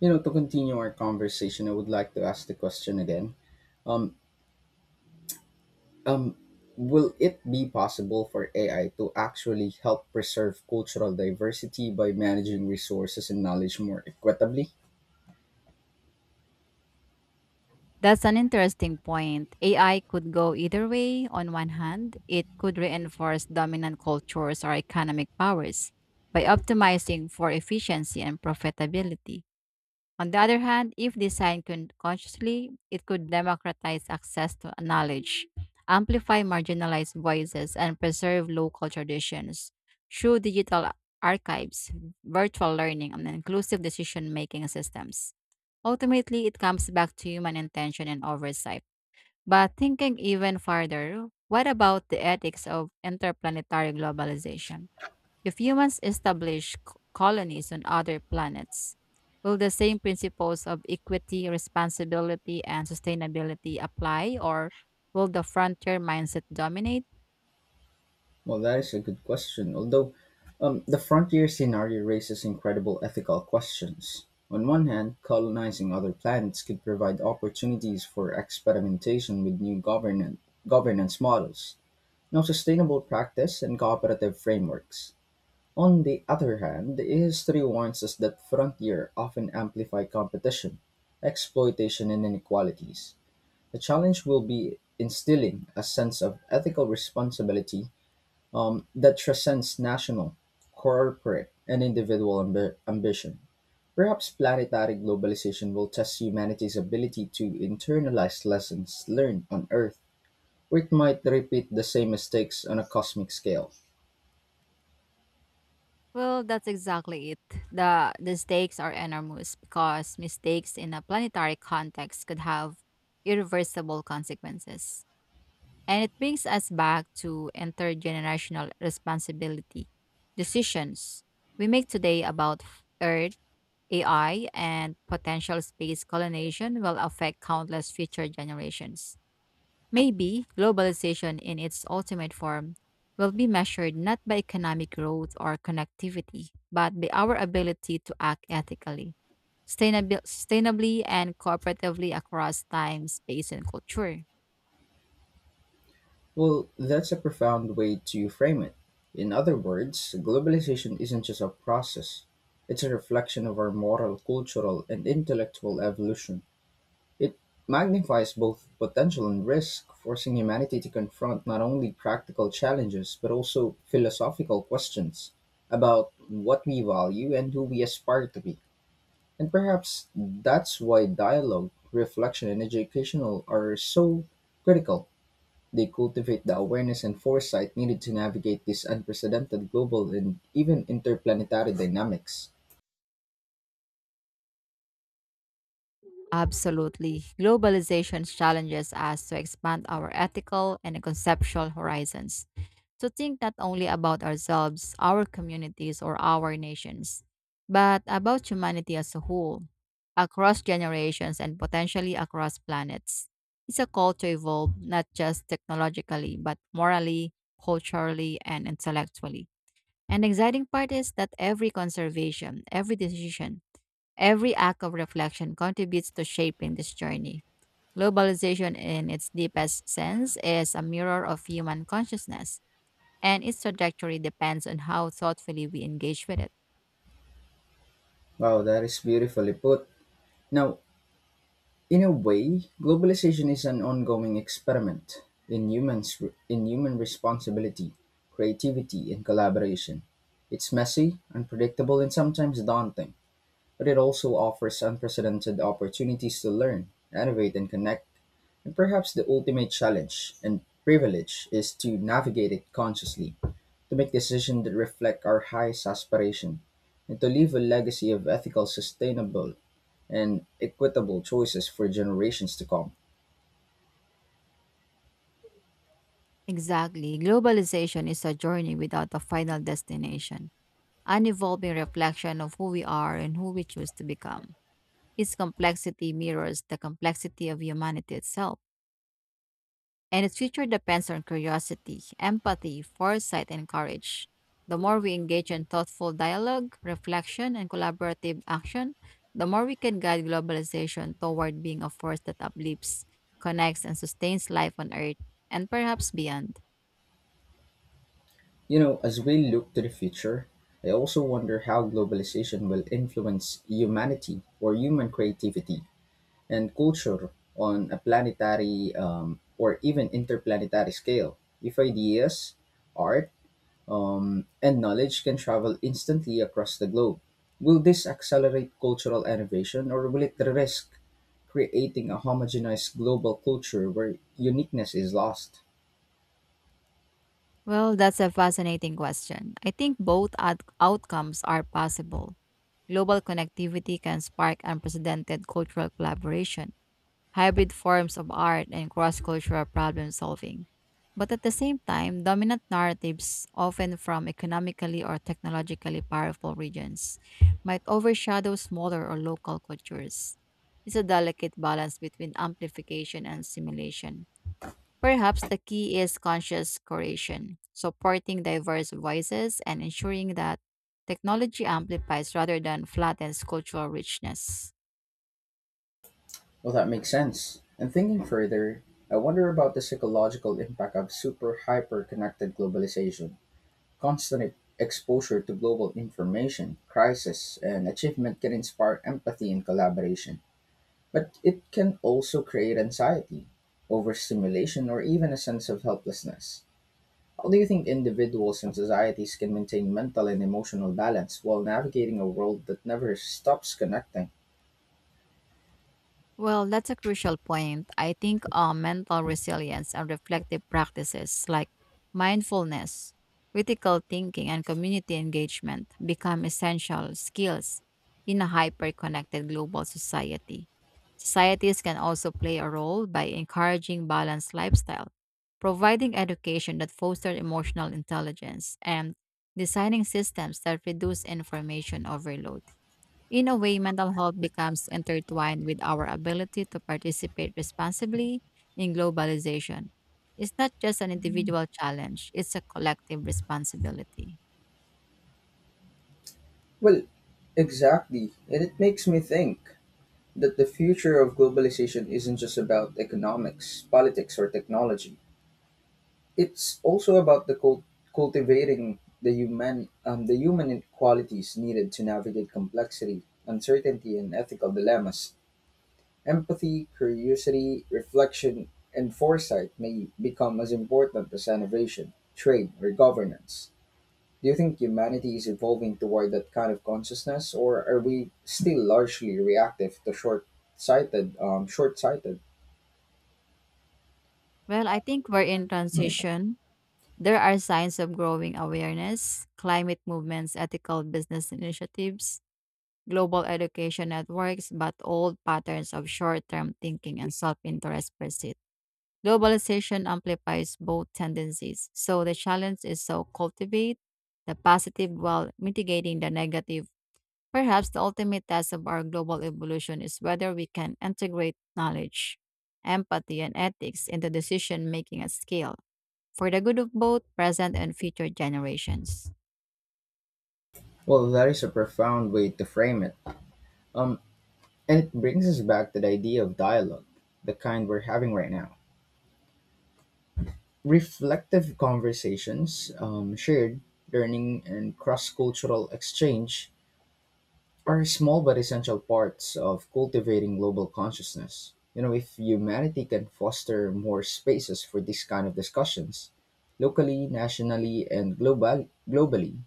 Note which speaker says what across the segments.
Speaker 1: You know, to continue our conversation, I would like to ask the question again. Um, um, will it be possible for AI to actually help preserve cultural diversity by managing resources and knowledge more equitably?
Speaker 2: That's an interesting point. AI could go either way. On one hand, it could reinforce dominant cultures or economic powers by optimizing for efficiency and profitability. On the other hand, if designed consciously, it could democratize access to knowledge, amplify marginalized voices, and preserve local traditions. Through digital archives, virtual learning, and inclusive decision making systems. Ultimately, it comes back to human intention and oversight. But thinking even further, what about the ethics of interplanetary globalization? If humans establish colonies on other planets, will the same principles of equity, responsibility, and sustainability apply, or will the frontier mindset dominate?
Speaker 1: Well, that is a good question. Although, the frontier scenario raises incredible ethical questions. On one hand, colonizing other planets could provide opportunities for experimentation with new governance models, now sustainable practice, and cooperative frameworks. On the other hand, history warns us that frontier often amplify competition, exploitation, and inequalities. The challenge will be instilling a sense of ethical responsibility that transcends national, corporate, and individual ambition. Perhaps planetary globalization will test humanity's ability to internalize lessons learned on Earth, or it might repeat the same mistakes on a cosmic scale.
Speaker 2: Well, that's exactly it. The stakes are enormous because mistakes in a planetary context could have irreversible consequences. And it brings us back to intergenerational responsibility. Decisions we make today about Earth, AI, and potential space colonization will affect countless future generations. Maybe globalization in its ultimate form will be measured not by economic growth or connectivity, but by our ability to act ethically, sustainably, and cooperatively across time, space, and culture.
Speaker 1: Well, that's a profound way to frame it. In other words, globalization isn't just a process, it's a reflection of our moral, cultural, and intellectual evolution. It magnifies both potential and risk, forcing humanity to confront not only practical challenges but also philosophical questions about what we value and who we aspire to be. And perhaps that's why dialogue, reflection, and educational are so critical. They cultivate the awareness and foresight needed to navigate these unprecedented global and even interplanetary dynamics.
Speaker 2: Absolutely. Globalization challenges us to expand our ethical and conceptual horizons to think not only about ourselves, our communities, or our nations, but about humanity as a whole, across generations and potentially across planets. It's a call to evolve not just technologically, but morally, culturally, and intellectually. And the exciting part is that every conservation, every decision, every act of reflection contributes to shaping this journey. Globalization, in its deepest sense, is a mirror of human consciousness, and its trajectory depends on how thoughtfully we engage with it.
Speaker 1: Wow, that is beautifully put. Now, in a way, globalization is an ongoing experiment in humans in human responsibility, creativity, and collaboration. It's messy, unpredictable, and sometimes daunting, but it also offers unprecedented opportunities to learn, innovate, and connect. And perhaps the ultimate challenge and privilege is to navigate it consciously, to make decisions that reflect our highest aspiration, and to leave a legacy of ethical, sustainable, and equitable choices for generations to come.
Speaker 2: Exactly. Globalization is a journey without a final destination, an evolving reflection of who we are and who we choose to become. Its complexity mirrors the complexity of humanity itself, and its future depends on curiosity, empathy, foresight, and courage. The more we engage in thoughtful dialogue, reflection, and collaborative action, the more we can guide globalization toward being a force that uplifts, connects, and sustains life on Earth and perhaps beyond.
Speaker 1: You know, as we look to the future, I also wonder how globalization will influence humanity or human creativity and culture on a planetary or even interplanetary scale. If ideas, art, and knowledge can travel instantly across the globe, will this accelerate cultural innovation, or will it risk creating a homogenized global culture where uniqueness is lost?
Speaker 2: Well, that's a fascinating question. I think both outcomes are possible. Global connectivity can spark unprecedented cultural collaboration, hybrid forms of art, and cross cultural problem solving. But at the same time, dominant narratives, often from economically or technologically powerful regions, might overshadow smaller or local cultures. It's a delicate balance between amplification and simulation. Perhaps the key is conscious curation, supporting diverse voices and ensuring that technology amplifies rather than flattens cultural richness.
Speaker 1: Well, that makes sense. And thinking further, I wonder about the psychological impact of super hyper connected globalization. Constant exposure to global information, crisis, and achievement can inspire empathy and collaboration. But it can also create anxiety, overstimulation, or even a sense of helplessness. How do you think individuals and societies can maintain mental and emotional balance while navigating a world that never stops connecting?
Speaker 2: Well, that's a crucial point. I think mental resilience and reflective practices like mindfulness, critical thinking, and community engagement become essential skills in a hyper connected global society. Societies can also play a role by encouraging balanced lifestyle, providing education that fosters emotional intelligence, and designing systems that reduce information overload. In a way, mental health becomes intertwined with our ability to participate responsibly in globalization. It's not just an individual challenge, it's a collective responsibility.
Speaker 1: Well, exactly. And it makes me think that the future of globalization isn't just about economics, politics, or technology. It's also about the cultivating the human qualities needed to navigate complexity, uncertainty, and ethical dilemmas. Empathy, curiosity, reflection, and foresight may become as important as innovation, trade, or governance. Do you think humanity is evolving toward that kind of consciousness, or are we still largely reactive to short-sighted?
Speaker 2: Well, I think we're in transition. There are signs of growing awareness, climate movements, ethical business initiatives, global education networks, but old patterns of short term thinking and self interest persist. Globalization amplifies both tendencies. So the challenge is to cultivate the positive while mitigating the negative. Perhaps the ultimate test of our global evolution is whether we can integrate knowledge, empathy, and ethics into decision making at scale for the good of both present and future generations.
Speaker 1: Well, that is a profound way to frame it. Um, And it brings us back to the idea of dialogue, the kind we're having right now. Reflective conversations, shared learning, and cross cultural exchange are small but essential parts of cultivating global consciousness. You know, if humanity can foster more spaces for this kind of discussions, locally, nationally, and globally,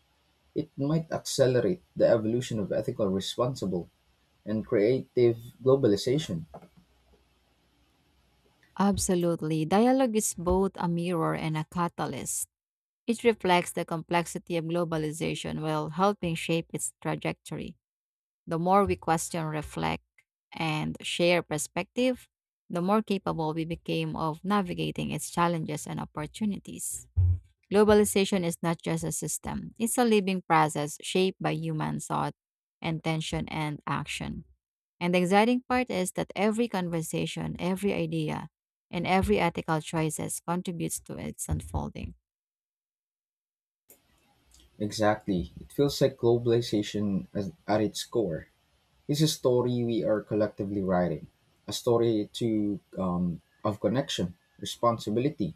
Speaker 1: it might accelerate the evolution of ethical, responsible, and creative globalization.
Speaker 2: Absolutely. Dialogue is both a mirror and a catalyst. It reflects the complexity of globalization while helping shape its trajectory. The more we question, reflect, and share perspective, the more capable we became of navigating its challenges and opportunities. Globalization is not just a system, it's a living process shaped by human thought, intention, and action. And the exciting part is that every conversation, every idea, and every ethical choices contributes to its unfolding.
Speaker 1: Exactly. It feels like globalization as, at its core, it's a story we are collectively writing, a story to of connection, responsibility,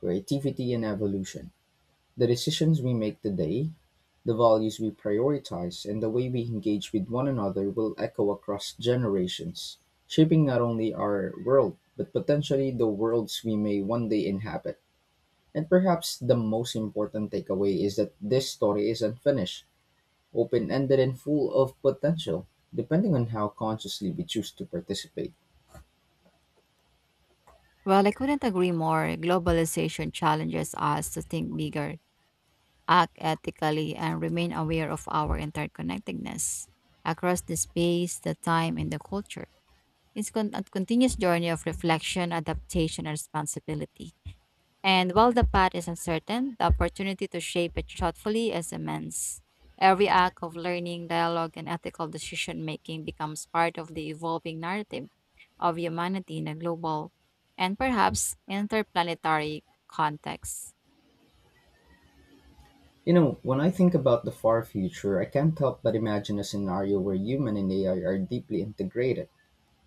Speaker 1: creativity, and evolution. The decisions we make today, the values we prioritize, and the way we engage with one another will echo across generations, shaping not only our world, but potentially the worlds we may one day inhabit. And perhaps the most important takeaway is that this story is unfinished, open ended, and full of potential, depending on how consciously we choose to participate.
Speaker 2: Well, I couldn't agree more. Globalization challenges us to think bigger, act ethically, and remain aware of our interconnectedness across the space, the time, and the culture. It's a continuous journey of reflection, adaptation, and responsibility. And while the path is uncertain, the opportunity to shape it thoughtfully is immense. Every act of learning, dialogue, and ethical decision making becomes part of the evolving narrative of humanity in a global and perhaps interplanetary context.
Speaker 1: You know, when I think about the far future, I can't help but imagine a scenario where human and AI are deeply integrated,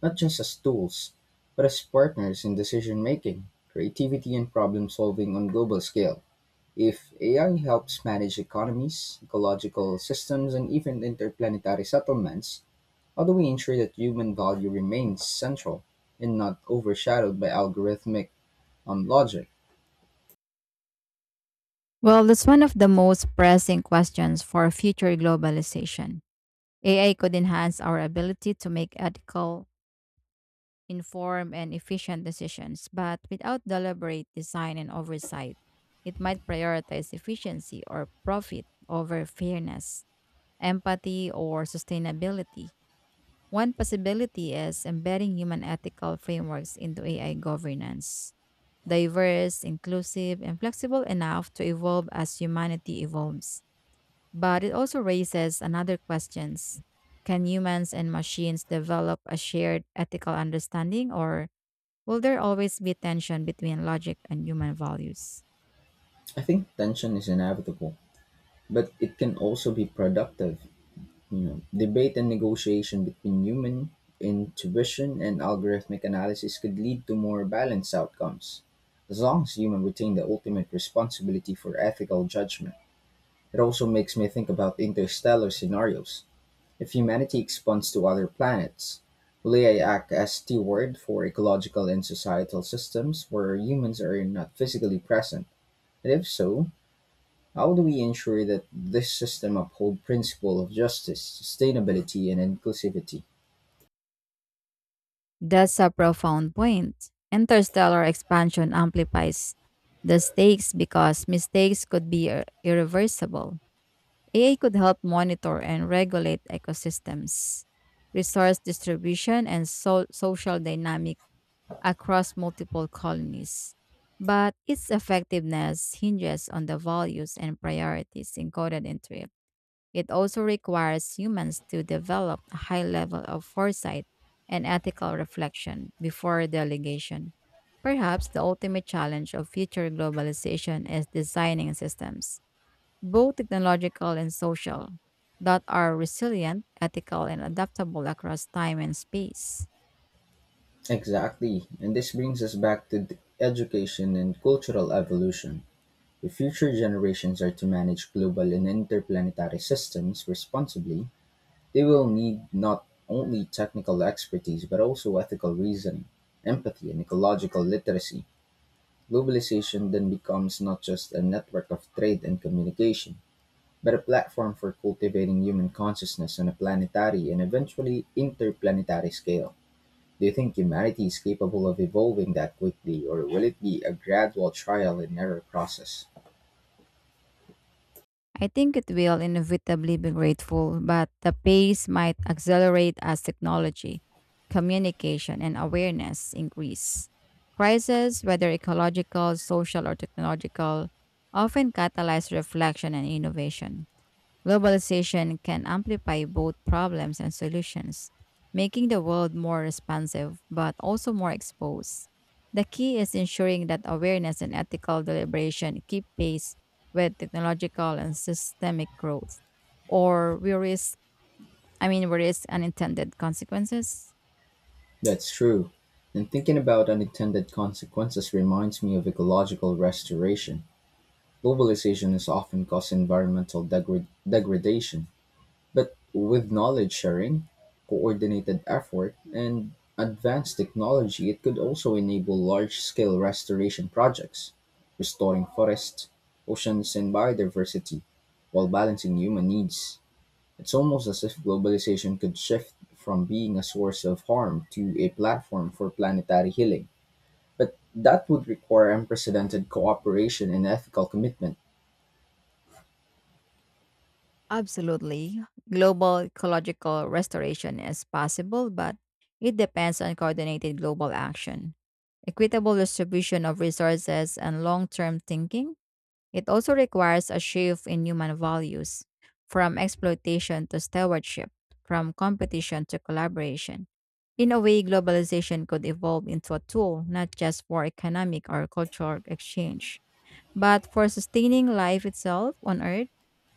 Speaker 1: not just as tools, but as partners in decision making, creativity, and problem solving on global scale. If AI helps manage economies, ecological systems, and even interplanetary settlements, how do we ensure that human value remains central and not overshadowed by algorithmic logic?
Speaker 2: Well, that's one of the most pressing questions for future globalization. AI could enhance our ability to make ethical, informed, and efficient decisions, but without deliberate design and oversight, it might prioritize efficiency or profit over fairness, empathy, or sustainability. One possibility is embedding human ethical frameworks into AI governance, diverse, inclusive, and flexible enough to evolve as humanity evolves. But it also raises another questions. Can humans and machines develop a shared ethical understanding, or will there always be tension between logic and human values?
Speaker 1: I think tension is inevitable, but it can also be productive. You know, debate and negotiation between human intuition and algorithmic analysis could lead to more balanced outcomes, as long as humans retain the ultimate responsibility for ethical judgment. It also makes me think about interstellar scenarios. If humanity expands to other planets, will AI act as steward for ecological and societal systems where humans are not physically present? And if so, how do we ensure that this system uphold principle of justice, sustainability, and inclusivity?
Speaker 2: That's a profound point. Interstellar expansion amplifies the stakes because mistakes could be irreversible. AI could help monitor and regulate ecosystems, resource distribution, and social dynamics across multiple colonies, but its effectiveness hinges on the values and priorities encoded into it. It also requires humans to develop a high level of foresight and ethical reflection before delegation. Perhaps the ultimate challenge of future globalization is designing systems, both technological and social, that are resilient, ethical, and adaptable across time and space.
Speaker 1: Exactly. And this brings us back to the education and cultural evolution. If future generations are to manage global and interplanetary systems responsibly, they will need not only technical expertise but also ethical reasoning, empathy, and ecological literacy. Globalization then becomes not just a network of trade and communication, but a platform for cultivating human consciousness on a planetary and eventually interplanetary scale. Do you think humanity is capable of evolving that quickly, or will it be a gradual trial and error process?
Speaker 2: I think it will inevitably be grateful, but the pace might accelerate as technology, communication, and awareness increase. Crises, whether ecological, social, or technological, often catalyze reflection and innovation. Globalization can amplify both problems and solutions, making the world more responsive but also more exposed. The key is ensuring that awareness and ethical deliberation keep pace with technological and systemic growth, or I mean, we risk unintended consequences.
Speaker 1: That's true. And thinking about unintended consequences reminds me of ecological restoration. Globalization has often caused environmental degradation, but with knowledge sharing, coordinated effort, and advanced technology, it could also enable large scale restoration projects, restoring forests, oceans, and biodiversity while balancing human needs. It's almost as if globalization could shift from being a source of harm to a platform for planetary healing. But that would require unprecedented cooperation and ethical commitment.
Speaker 2: Absolutely. Global ecological restoration is possible, but it depends on coordinated global action, equitable distribution of resources, and long term thinking. It also requires a shift in human values from exploitation to stewardship, from competition to collaboration. In a way, globalization could evolve into a tool not just for economic or cultural exchange but for sustaining life itself on Earth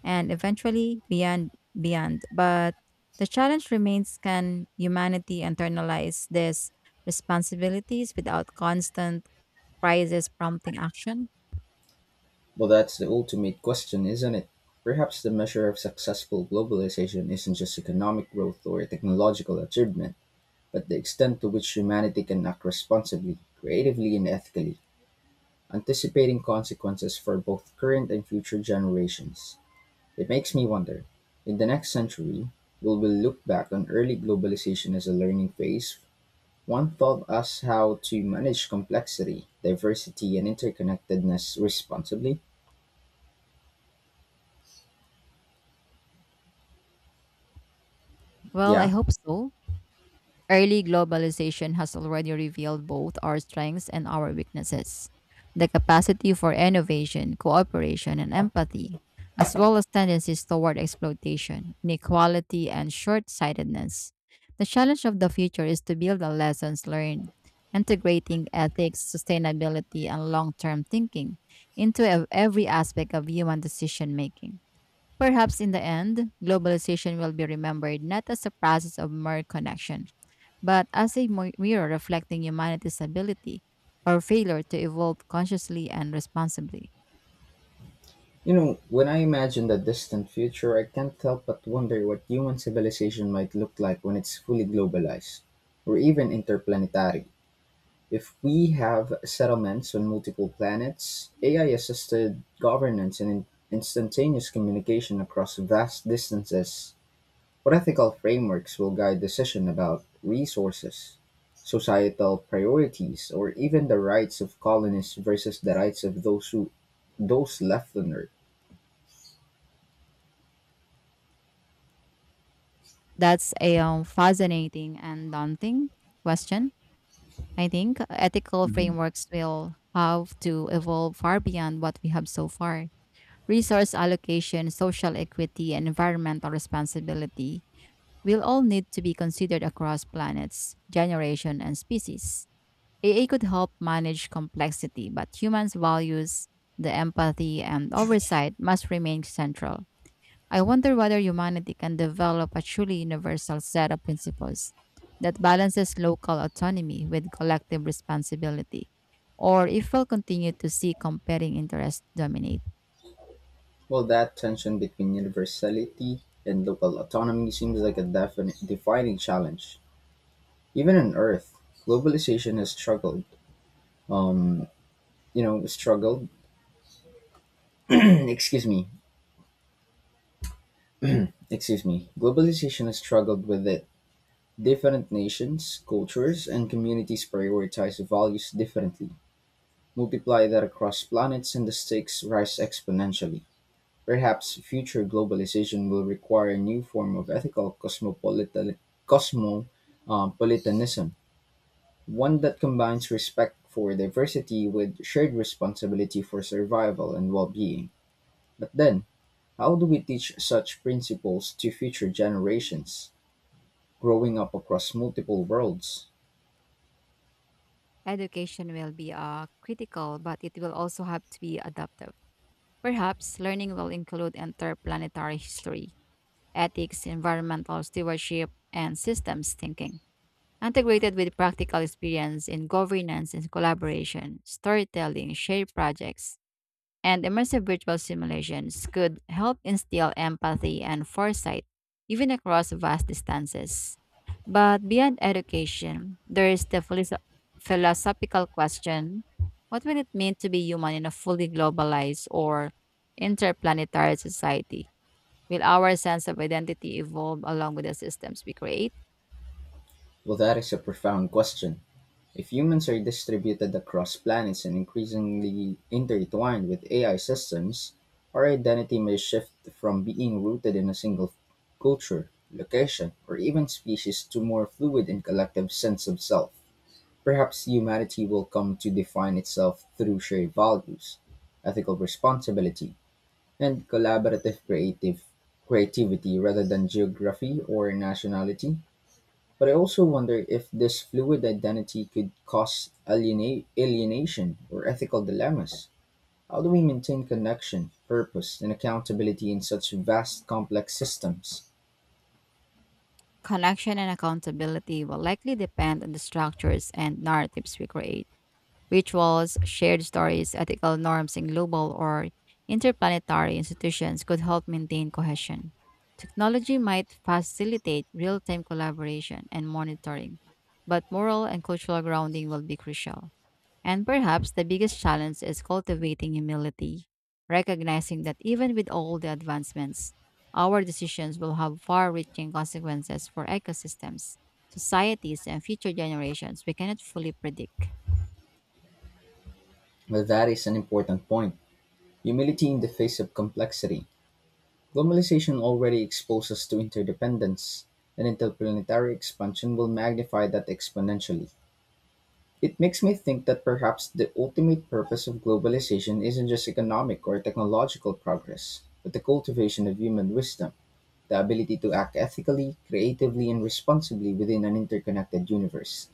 Speaker 2: and eventually beyond. But the challenge remains: can humanity internalize these responsibilities without constant crisis prompting action?
Speaker 1: Well, that's the ultimate question, isn't it? Perhaps the measure of successful globalization isn't just economic growth or technological achievement, but the extent to which humanity can act responsibly, creatively, and ethically, anticipating consequences for both current and future generations. It makes me wonder, in the next century, will we look back on early globalization as a learning phase? One taught us how to manage complexity, diversity, and interconnectedness responsibly?
Speaker 2: Well, I
Speaker 1: Yeah.
Speaker 2: hope so. Early globalization has already revealed both our strengths and our weaknesses, the capacity for innovation, cooperation, and empathy, as well as tendencies toward exploitation, inequality, and short sightedness. The challenge of the future is to build on lessons learned, integrating ethics, sustainability, and long term thinking into every aspect of human decision making. Perhaps in the end, globalization will be remembered not as a process of more connection, but as a mirror reflecting humanity's ability or failure to evolve consciously and responsibly.
Speaker 1: You know, when I imagine the distant future, I can't help but wonder what human civilization might look like when it's fully globalized, or even interplanetary. If we have settlements on multiple planets, AI assisted governance, and instantaneous communication across vast distances, what ethical frameworks will guide decision about resources, societal priorities, or even the rights of colonists versus the rights of those left on Earth?
Speaker 2: That's a fascinating and daunting question. I think ethical
Speaker 1: Mhm.
Speaker 2: frameworks will have to evolve far beyond what we have so far. Resource allocation, social equity, and environmental responsibility will all need to be considered across planets, generation, and species. AI could help manage complexity, but humans' values, the empathy, and oversight must remain central. I wonder whether humanity can develop a truly universal set of principles that balances local autonomy with collective responsibility, or if we'll continue to see competing interests dominate.
Speaker 1: Well, that tension between universality and local autonomy seems like a definite defining challenge. Even on Earth, globalization has struggled. Um, struggled. Excuse me. Excuse me. Globalization has struggled with it. Different nations, cultures, and communities prioritize values differently. Multiply that across planets, and the stakes rise exponentially. Perhaps future globalization will require a new form of ethical cosmopolitanism, one that combines respect for diversity with shared responsibility for survival and well being. But then, how do we teach such principles to future generations growing up across multiple worlds?
Speaker 2: Education will be critical, but it will also have to be adaptive. Perhaps learning will include interplanetary history, ethics, environmental stewardship, and systems thinking, integrated with practical experience in governance and collaboration, storytelling, shared projects and immersive virtual simulations could help instill empathy and foresight even across vast distances. But beyond education, there is the philosophical question: what will it mean to be human in a fully globalized or interplanetary society? Will our sense of identity evolve along with the systems we create?
Speaker 1: Well, that is a profound question. If humans are distributed across planets and increasingly intertwined with AI systems, our identity may shift from being rooted in a single culture, location, or even species to more fluid and collective sense of self. Perhaps humanity will come to define itself through shared values, ethical responsibility, and collaborative creative creativity rather than geography or nationality. But I also wonder if this fluid identity could cause alienation or ethical dilemmas. How do we maintain connection, purpose, and accountability in such vast, complex systems?
Speaker 2: Connection and accountability will likely depend on the structures and narratives we create. Rituals, shared stories, ethical norms in global or interplanetary institutions could help maintain cohesion. Technology might facilitate real time collaboration and monitoring, but moral and cultural grounding will be crucial. And perhaps the biggest challenge is cultivating humility, recognizing that even with all the advancements, our decisions will have far reaching consequences for ecosystems, societies, and future generations we cannot fully predict.
Speaker 1: Well, that is an important point. Humility in the face of complexity. Globalization already exposes us to interdependence, and interplanetary expansion will magnify that exponentially. It makes me think that perhaps the ultimate purpose of globalization isn't just economic or technological progress, but the cultivation of human wisdom, the ability to act ethically, creatively, and responsibly within an interconnected universe.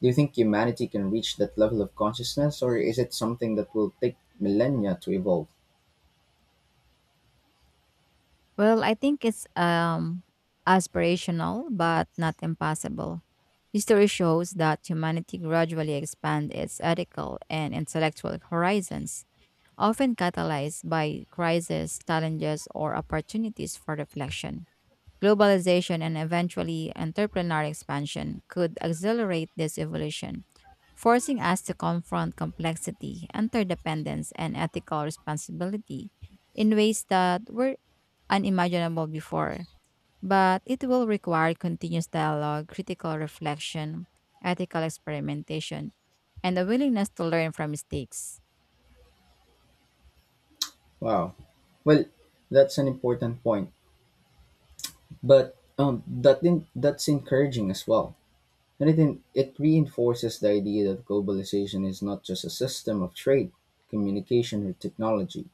Speaker 1: Do you think humanity can reach that level of consciousness, or is it something that will take millennia to evolve?
Speaker 2: Well, I think it's aspirational but not impossible. History shows that humanity gradually expanded its ethical and intellectual horizons, often catalyzed by crises, challenges, or opportunities for reflection. Globalization and eventually entrepreneurial expansion could accelerate this evolution, forcing us to confront complexity, interdependence, and ethical responsibility in ways that were unimaginable before. But it will require continuous dialogue, critical reflection, ethical experimentation, and a willingness to learn from mistakes.
Speaker 1: Wow. Well, that's an important point, but that's encouraging as well. And it reinforces the idea that globalization is not just a system of trade, communication, or technology.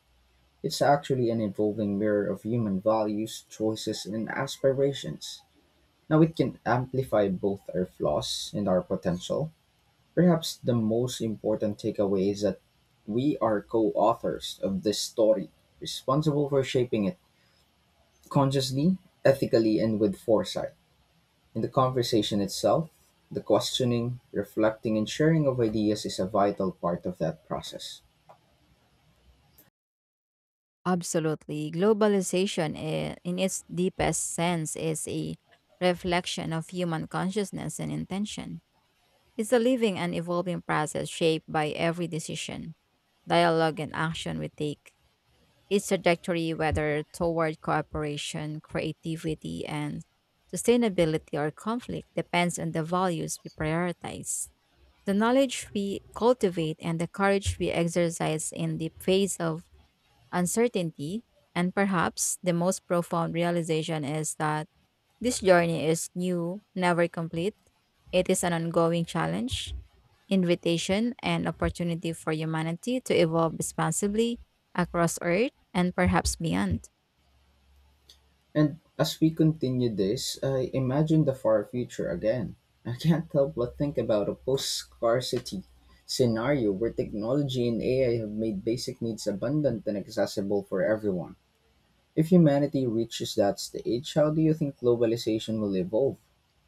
Speaker 1: It's actually an evolving mirror of human values, choices, and aspirations. Now it can amplify both our flaws and our potential. Perhaps the most important takeaway is that we are co authors of this story, responsible for shaping it consciously, ethically, and with foresight. In the conversation itself, the questioning, reflecting, and sharing of ideas is a vital part of that process.
Speaker 2: Absolutely. Globalization, in its deepest sense, is a reflection of human consciousness and intention. It's a living and evolving process shaped by every decision, dialogue, and action we take. Its trajectory, whether toward cooperation, creativity, and sustainability or conflict, depends on the values we prioritize. The knowledge we cultivate and the courage we exercise in the face of uncertainty, and perhaps the most profound realization is that this journey is new, never complete. It is an ongoing challenge, invitation, and opportunity for humanity to evolve responsibly across Earth and perhaps beyond.
Speaker 1: And as we continue this, I imagine the far future again. I can't help but think about a post scarcity scenario where technology and AI have made basic needs abundant and accessible for everyone. If humanity reaches that stage, how do you think globalization will evolve?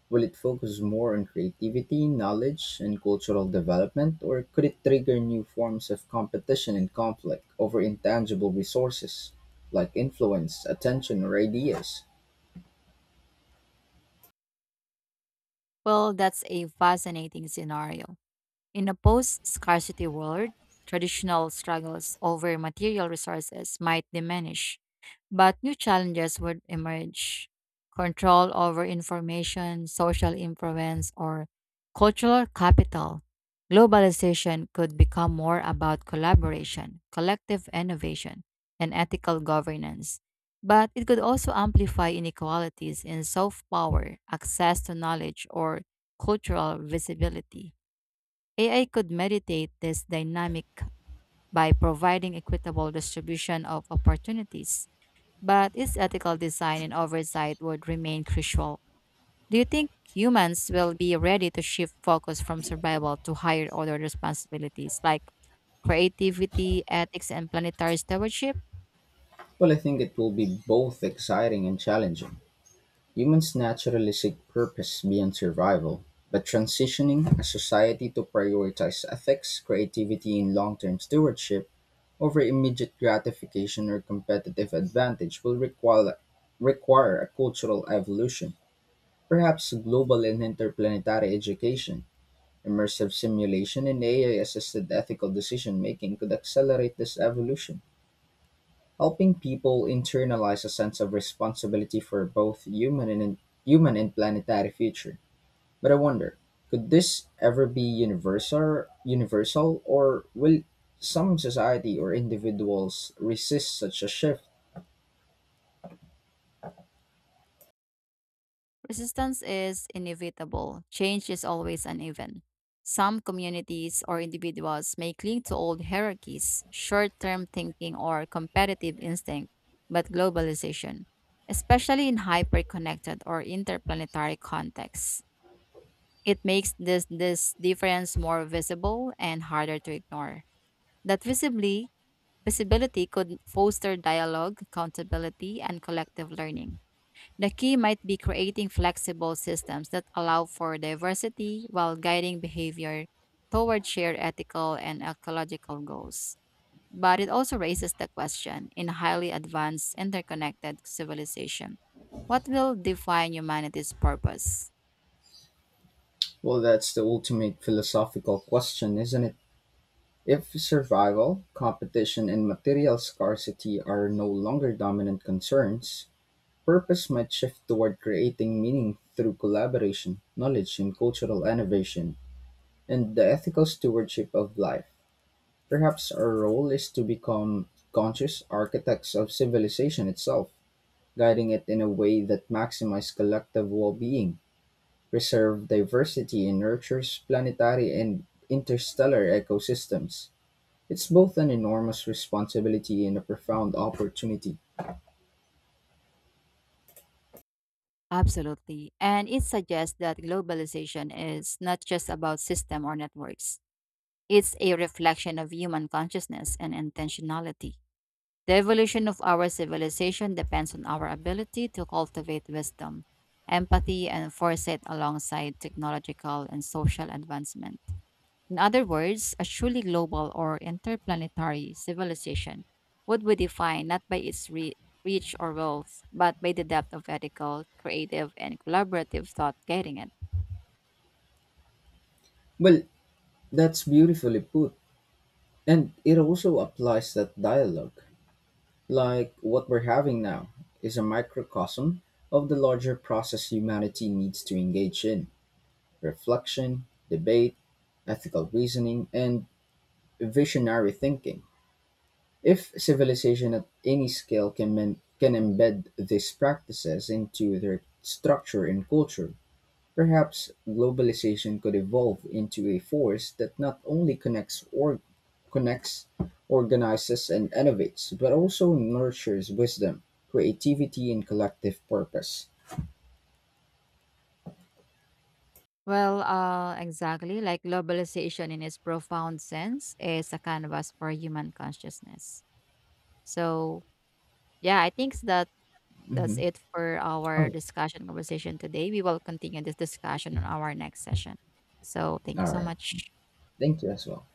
Speaker 1: Will it focus more on creativity, knowledge, and cultural development, or could it trigger new forms of competition and conflict over intangible resources like influence, attention, or ideas?
Speaker 2: Well, that's a fascinating scenario. In a post scarcity world, traditional struggles over material resources might diminish, but new challenges would emerge. Control over information, social influence, or cultural capital. Globalization could become more about collaboration, collective innovation, and ethical governance. But it could also amplify inequalities in soft power, access to knowledge, or cultural visibility. AI could mediate this dynamic by providing equitable distribution of opportunities, but its ethical design and oversight would remain crucial. Do you think humans will be ready to shift focus from survival to higher order responsibilities like creativity, ethics, and planetary stewardship?
Speaker 1: Well, I think it will be both exciting and challenging. Humans naturally seek purpose beyond survival, but transitioning a society to prioritize ethics, creativity, and long term stewardship over immediate gratification or competitive advantage will require a cultural evolution, perhaps global and interplanetary education. Immersive simulation and AI assisted ethical decision making could accelerate this evolution, helping people internalize a sense of responsibility for both human and planetary future. But I wonder, could this ever be universal, or will some society or individuals resist such a shift?
Speaker 2: Resistance is inevitable. Change is always uneven. Some communities or individuals may cling to old hierarchies, short term thinking, or competitive instinct, but globalization, especially in hyper connected or interplanetary contexts, it makes this difference more visible and harder to ignore. That visibly, Visibility could foster dialogue, accountability, and collective learning. The key might be creating flexible systems that allow for diversity while guiding behavior toward shared ethical and ecological goals. But it also raises the question: in highly advanced, interconnected civilization, what will define humanity's purpose?
Speaker 1: Well, that's the ultimate philosophical question, isn't it? If survival, competition, and material scarcity are no longer dominant concerns, purpose might shift toward creating meaning through collaboration, knowledge, and cultural innovation, and the ethical stewardship of life. Perhaps our role is to become conscious architects of civilization itself, guiding it in a way that maximizes collective well being, preserves diversity, and nurtures planetary and interstellar ecosystems. It's both an enormous responsibility and a profound opportunity.
Speaker 2: Absolutely. And it suggests that globalization is not just about system or networks. It's a reflection of human consciousness and intentionality. The evolution of our civilization depends on our ability to cultivate wisdom, empathy, and foresight alongside technological and social advancement. In other words, a truly global or interplanetary civilization would be defined not by its reach or wealth, but by the depth of ethical, creative, and collaborative thought guiding it.
Speaker 1: Well, that's beautifully put. And it also applies that dialogue, like what we're having now, is a microcosm of the larger process humanity needs to engage in: reflection, debate, ethical reasoning, and visionary thinking. If civilization at any scale can, can embed these practices into their structure and culture, perhaps globalization could evolve into a force that not only connects, organizes, and innovates, but also nurtures wisdom, creativity, and collective purpose.
Speaker 2: Well, exactly. Like globalization in its profound sense is a canvas for human consciousness. So, yeah, I think that that's
Speaker 1: Hmm.
Speaker 2: it for our
Speaker 1: Oh,
Speaker 2: discussion conversation today. We will continue this discussion on our next session. So thank you
Speaker 1: all
Speaker 2: so
Speaker 1: right.
Speaker 2: much.
Speaker 1: Thank you as well.